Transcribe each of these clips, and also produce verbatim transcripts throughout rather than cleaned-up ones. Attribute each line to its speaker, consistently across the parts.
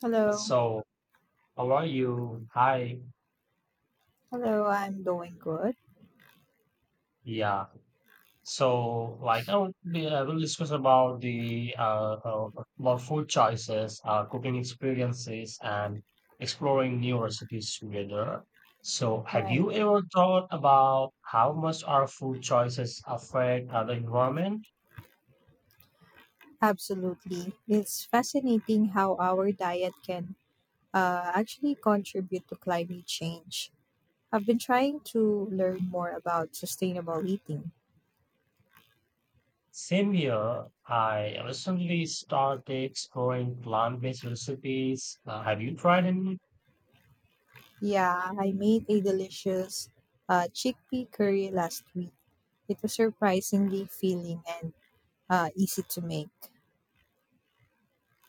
Speaker 1: Hello.
Speaker 2: So, how are you? Hi.
Speaker 1: Hello, I'm doing good.
Speaker 2: Yeah. So, like, I will be, I will discuss about the uh, uh about food choices, uh, cooking experiences, and exploring new recipes together. So, have
Speaker 1: Right.
Speaker 2: you ever thought about how much our food choices affect our environment?
Speaker 1: Absolutely. It's fascinating how our diet can uh, actually contribute to climate change. I've been trying to learn more about sustainable eating.
Speaker 2: Same here, I recently started exploring plant-based recipes. Uh, have you tried any?
Speaker 1: Yeah, I made a delicious uh, chickpea curry last week. It was surprisingly filling and uh, easy to make.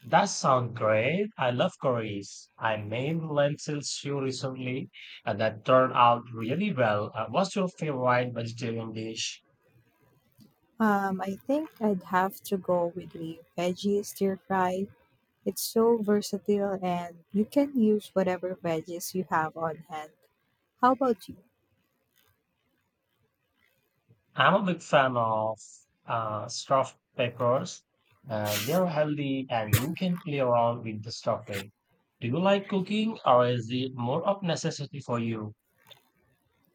Speaker 2: That sounds great. I love curries. I made lentil stew recently, and that turned out really well. Uh, what's your favorite vegetarian dish?
Speaker 1: Um, I think I'd have to go with a veggie stir fry. It's so versatile and you can use whatever veggies you have on hand. How about you?
Speaker 2: I'm a big fan of uh, stuffed peppers. Uh, they're healthy, and you can play around with the stuffing. Do you like cooking, or is it more of necessity for you?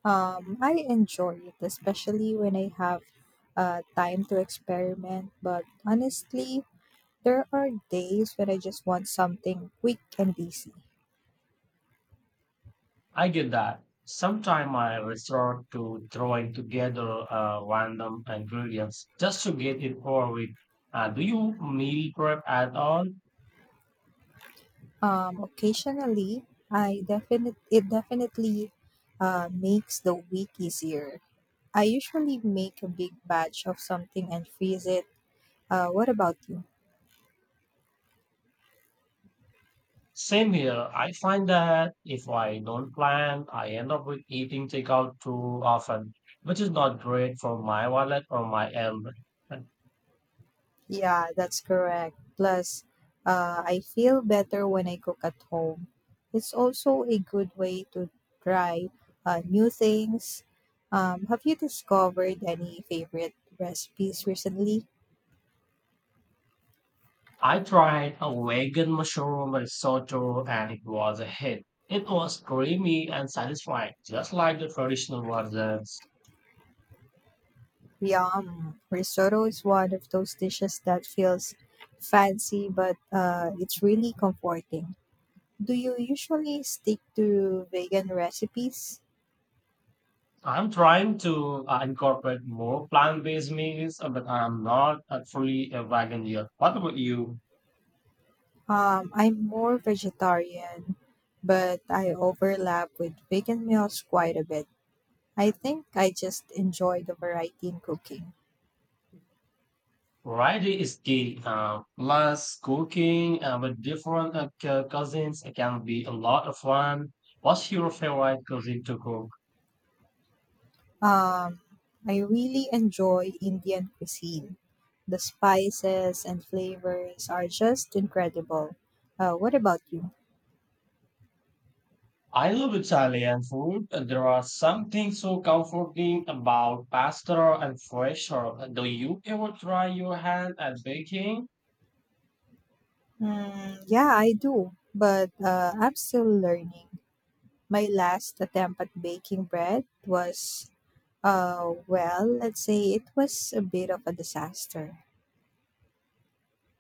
Speaker 1: Um, I enjoy it, especially when I have uh, time to experiment. But honestly, there are days when I just want something quick and easy.
Speaker 2: I get that. Sometimes I resort to throwing together uh, random ingredients just to get it over with. Uh, do you meal prep at all?
Speaker 1: Um, occasionally, I definite it definitely uh, makes the week easier. I usually make a big batch of something and freeze it. Uh, what about you?
Speaker 2: Same here. I find that if I don't plan, I end up with eating takeout too often, which is not great for my wallet or my health. And
Speaker 1: Yeah, that's correct. Plus, uh, I feel better when I cook at home. It's also a good way to try uh, new things. Um, have you discovered any favorite recipes recently?
Speaker 2: I tried a vegan mushroom risotto and it was a hit. It was creamy and satisfying, just like the traditional versions.
Speaker 1: Yum! Risotto is one of those dishes that feels fancy, but uh, it's really comforting. Do you usually stick to vegan recipes?
Speaker 2: I'm trying to uh, incorporate more plant-based meals, uh, but I'm not uh, fully a vegan yet. What about you?
Speaker 1: Um, I'm more vegetarian, but I overlap with vegan meals quite a bit. I think I just enjoy the variety in cooking.
Speaker 2: Variety is key. Uh, plus, cooking uh, with different uh, cu- cousins it can be a lot of fun. What's your favorite cuisine to cook?
Speaker 1: Um, I really enjoy Indian cuisine. The spices and flavors are just incredible. Uh, what about you?
Speaker 2: I love Italian food. And There are something so comforting about pasta and fresh herb. Uh, Do you ever try your hand at baking?
Speaker 1: Mm, yeah, I do, but uh, I'm still learning. My last attempt at baking bread was Uh, well, let's say it was a bit of a disaster.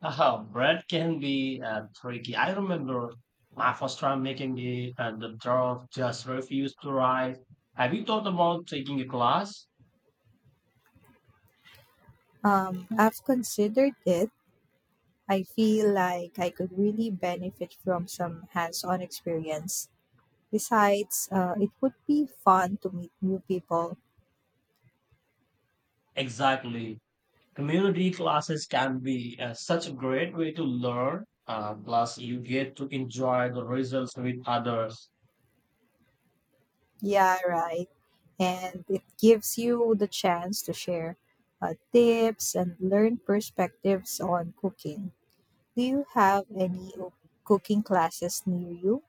Speaker 2: Uh, bread can be uh, tricky. I remember my first time making the uh, the dough just refused to rise. Have you thought about taking a class?
Speaker 1: Um, I've considered it. I feel like I could really benefit from some hands on experience. Besides, uh, it would be fun to meet new people.
Speaker 2: Exactly. Community classes can be uh, such a great way to learn. Uh, plus, you get to enjoy the results with others.
Speaker 1: Yeah, right. And it gives you the chance to share uh, tips and learn perspectives on cooking. Do you have any o- cooking classes near you?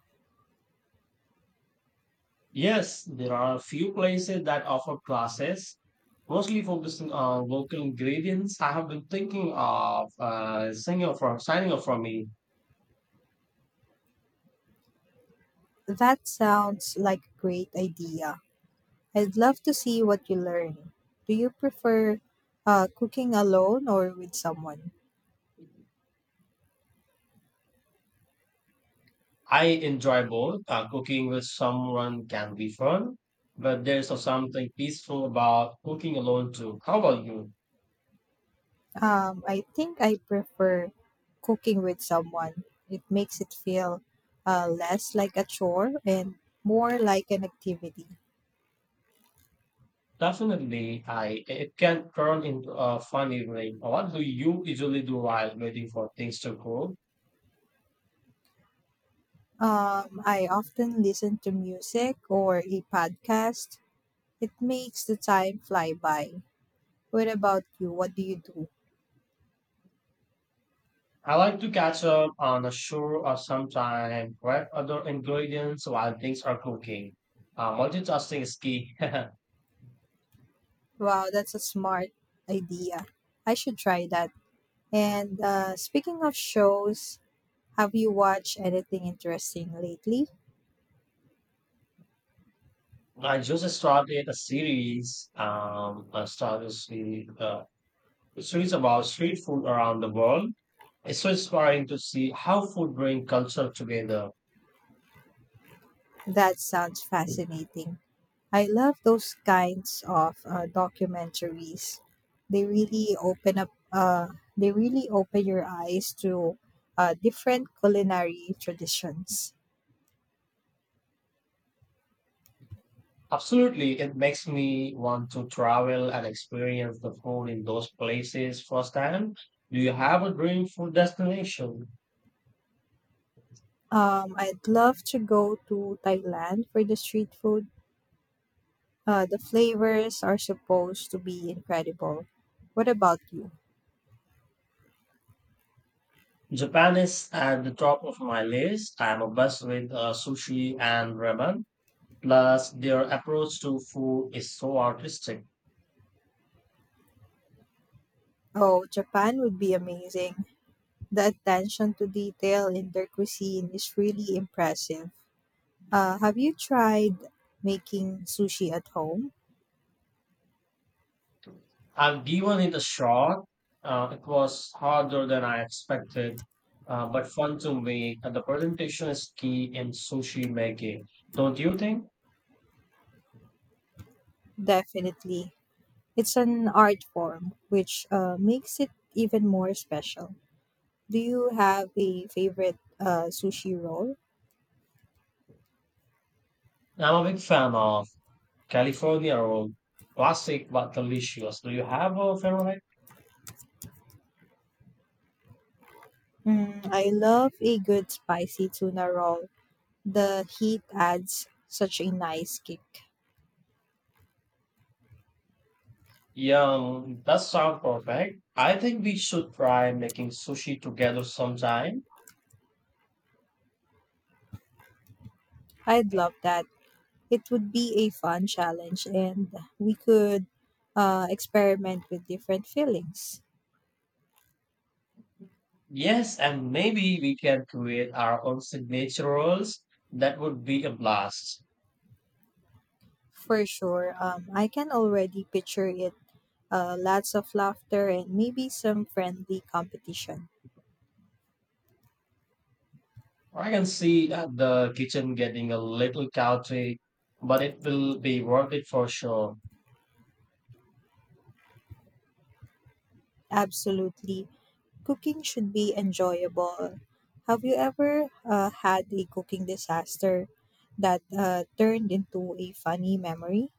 Speaker 2: Yes, there are a few places that offer classes, mostly focusing on local ingredients. I have been thinking of uh, signing up for signing up for me.
Speaker 1: That sounds like a great idea. I'd love to see what you learn. Do you prefer uh, cooking alone or with someone?
Speaker 2: I enjoy both. Uh, cooking with someone can be fun, but there's also something peaceful about cooking alone too. How about you?
Speaker 1: Um, I think I prefer cooking with someone. It makes it feel uh, less like a chore and more like an activity.
Speaker 2: Definitely, I it can turn into a fun evening. What do you usually do while waiting for things to cool?
Speaker 1: Um, I often listen to music or a podcast. It makes the time fly by. What about you? What do you do?
Speaker 2: I like to catch up on a show or sometime and prep other ingredients while things are cooking. Uh, multitasking is key.
Speaker 1: Wow, that's a smart idea. I should try that. And uh, speaking of shows, have you watched anything interesting lately?
Speaker 2: I just started a series, um, I started a series, uh, a series about street food around the world. It's so inspiring to see how food brings culture together.
Speaker 1: That sounds fascinating. I love those kinds of uh, documentaries. They really open up. Uh, they really open your eyes to uh, different culinary traditions.
Speaker 2: Absolutely, it makes me want to travel and experience the food in those places firsthand. Do you have a dream food destination?
Speaker 1: Um, I'd love to go to Thailand for the street food. Uh, the flavors are supposed to be incredible. What about you?
Speaker 2: Japan is at the top of my list. I'm obsessed with uh, sushi and ramen. Plus, their approach to food is so artistic.
Speaker 1: Oh, Japan would be amazing. The attention to detail in their cuisine is really impressive. Uh, have you tried making sushi at home?
Speaker 2: I've given it a shot. Uh, it was harder than I expected, uh, but fun to make. And the presentation is key in sushi making, don't you think?
Speaker 1: Definitely. It's an art form, which uh, makes it even more special. Do you have a favorite uh, sushi roll?
Speaker 2: I'm a big fan of California roll, classic but delicious. Do you have a favorite?
Speaker 1: Mm, I love a good spicy tuna roll. The heat adds such a nice kick.
Speaker 2: Yeah, that sounds perfect. I think we should try making sushi together sometime.
Speaker 1: I'd love that. It would be a fun challenge and we could uh, experiment with different feelings.
Speaker 2: Yes, and maybe we can create our own signature rolls. That would be a blast.
Speaker 1: For sure, um, I can already picture it. Uh, lots of laughter and maybe some friendly competition.
Speaker 2: I can see that the kitchen getting a little chaotic, but it will be worth it for sure.
Speaker 1: Absolutely. Cooking should be enjoyable. Have you ever uh, had a cooking disaster that uh, turned into a funny memory?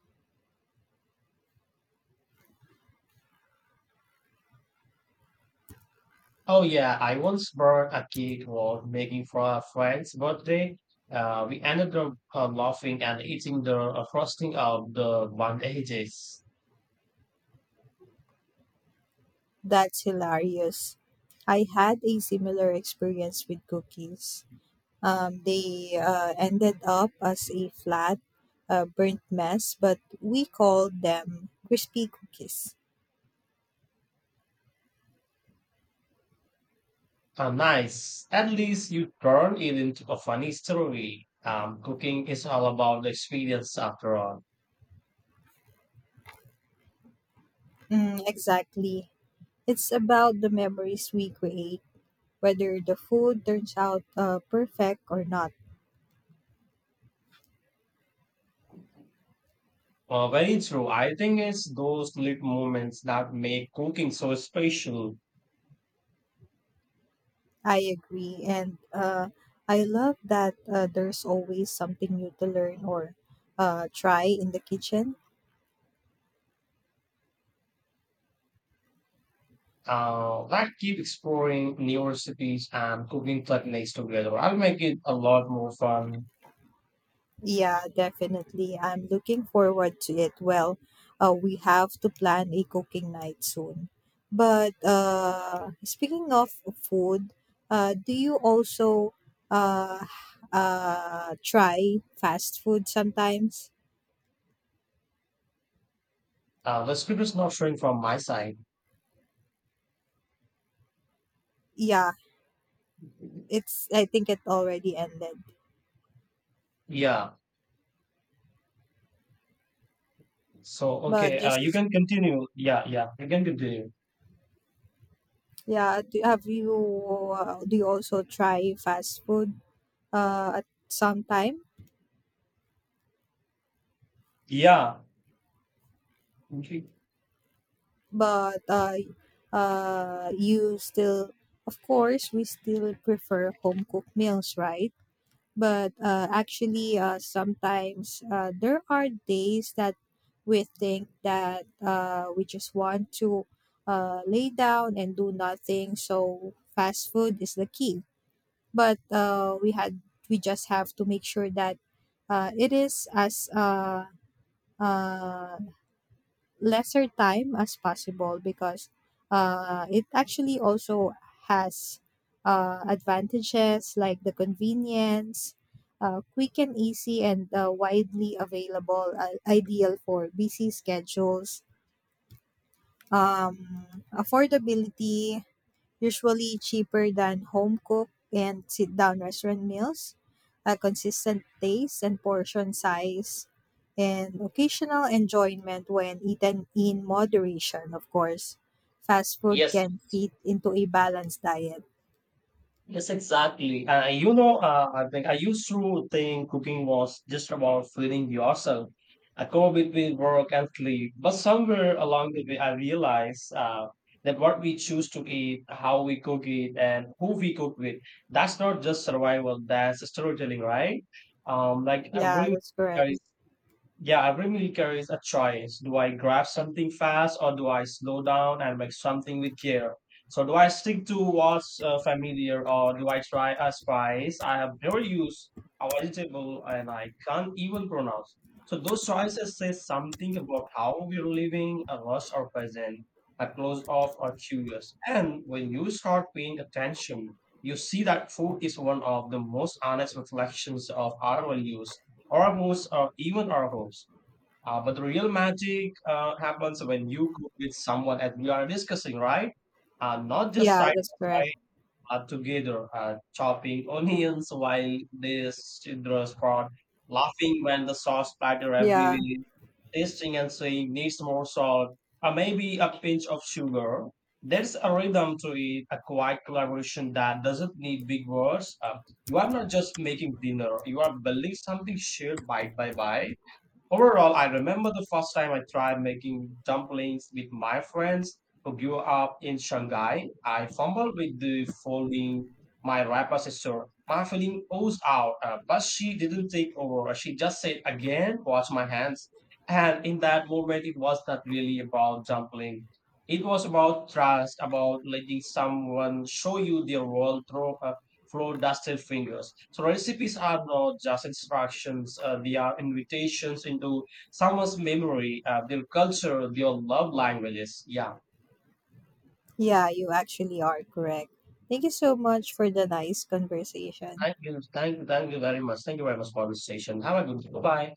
Speaker 2: Oh yeah, I once burned a cake while making for a friend's birthday. Uh, we ended up uh, laughing and eating the uh, frosting of the bandages.
Speaker 1: That's hilarious. I had a similar experience with cookies. Um, they uh, ended up as a flat, uh, burnt mess, but we called them crispy cookies.
Speaker 2: Uh, nice. At least you turn it into a funny story. Um, cooking is all about the experience after all.
Speaker 1: Mm, exactly. It's about the memories we create, whether the food turns out uh, perfect or not.
Speaker 2: Uh, very true. I think it's those little moments that make cooking so special.
Speaker 1: I agree. And uh, I love that uh, there's always something new to learn or uh, try in the kitchen.
Speaker 2: Uh, like keep exploring new recipes and cooking techniques together. I'll make it a lot more fun.
Speaker 1: Yeah, definitely. I'm looking forward to it. Well, uh, we have to plan a cooking night soon. But uh, speaking of food, uh, do you also uh, uh, try fast food sometimes?
Speaker 2: Uh, the script is not showing from my side.
Speaker 1: Yeah, it's. I think it already ended.
Speaker 2: Yeah. So,
Speaker 1: But
Speaker 2: okay. Uh, you
Speaker 1: just
Speaker 2: can continue. Yeah. Yeah. You can continue.
Speaker 1: yeah, do, have you uh, do you also try fast food uh, at some time?
Speaker 2: Yeah. Okay.
Speaker 1: But uh, uh, you still, of course, we still prefer home cooked meals, right? But uh, actually, uh, sometimes uh, there are days that we think that uh, we just want to uh, lay down and do nothing. So fast food is the key. But uh, we had we just have to make sure that uh, it is as uh, uh, lesser time as possible because uh, it actually also has uh, advantages like the convenience, uh, quick and easy, and uh, widely available, uh, ideal for busy schedules, um, affordability, usually cheaper than home cooked and sit down restaurant meals, a consistent taste and portion size, and occasional enjoyment when eaten in moderation, of course. Fast food
Speaker 2: Yes.
Speaker 1: can fit into a balanced diet.
Speaker 2: Yes, exactly. Uh, you know, uh, I think I used to think cooking was just about feeding yourself. I go between work and sleep. But somewhere along the way, I realized uh, that what we choose to eat, how we cook it, and who we cook with, that's not just survival, that's storytelling, right? Um, like, I
Speaker 1: Yeah,
Speaker 2: really
Speaker 1: that's correct.
Speaker 2: Yeah, every meal carries a choice. Do I grab something fast or do I slow down and make something with care? So, do I stick to what's uh, familiar or do I try a spice I have never used, a vegetable, and I can't even pronounce? So, those choices say something about how we're living, a rush or present, a close off or curious. And when you start paying attention, you see that food is one of the most honest reflections of our values Oracles or even oracles. Uh, but the real magic uh, happens when you cook with someone, as we are discussing, right? Uh, not just
Speaker 1: Yeah,
Speaker 2: side
Speaker 1: that's correct.
Speaker 2: by uh, together uh, chopping onions while the children spot laughing when the sauce splatter
Speaker 1: Yeah.
Speaker 2: everywhere, tasting and saying needs more salt, or maybe a pinch of sugar. There's a rhythm to it, a quiet collaboration that doesn't need big words. Uh, you are not just making dinner, you are building something shared bite by bite. Overall, I remember the first time I tried making dumplings with my friends who grew up in Shanghai. I fumbled with the folding my wrapper sister. My feeling oozed out, uh, but she didn't take over. She just said again, "Watch my hands." And in that moment, it was not really about dumpling. It was about trust, about letting someone show you their world through uh, flow dusted fingers. So recipes are not just instructions, uh, they are invitations into someone's memory, uh, their culture, their love languages. Yeah.
Speaker 1: Yeah, you actually are correct. Thank you so much for the nice conversation.
Speaker 2: Thank you. Thank you. Thank you very much. Thank you very much for this session. Have a good day. Bye.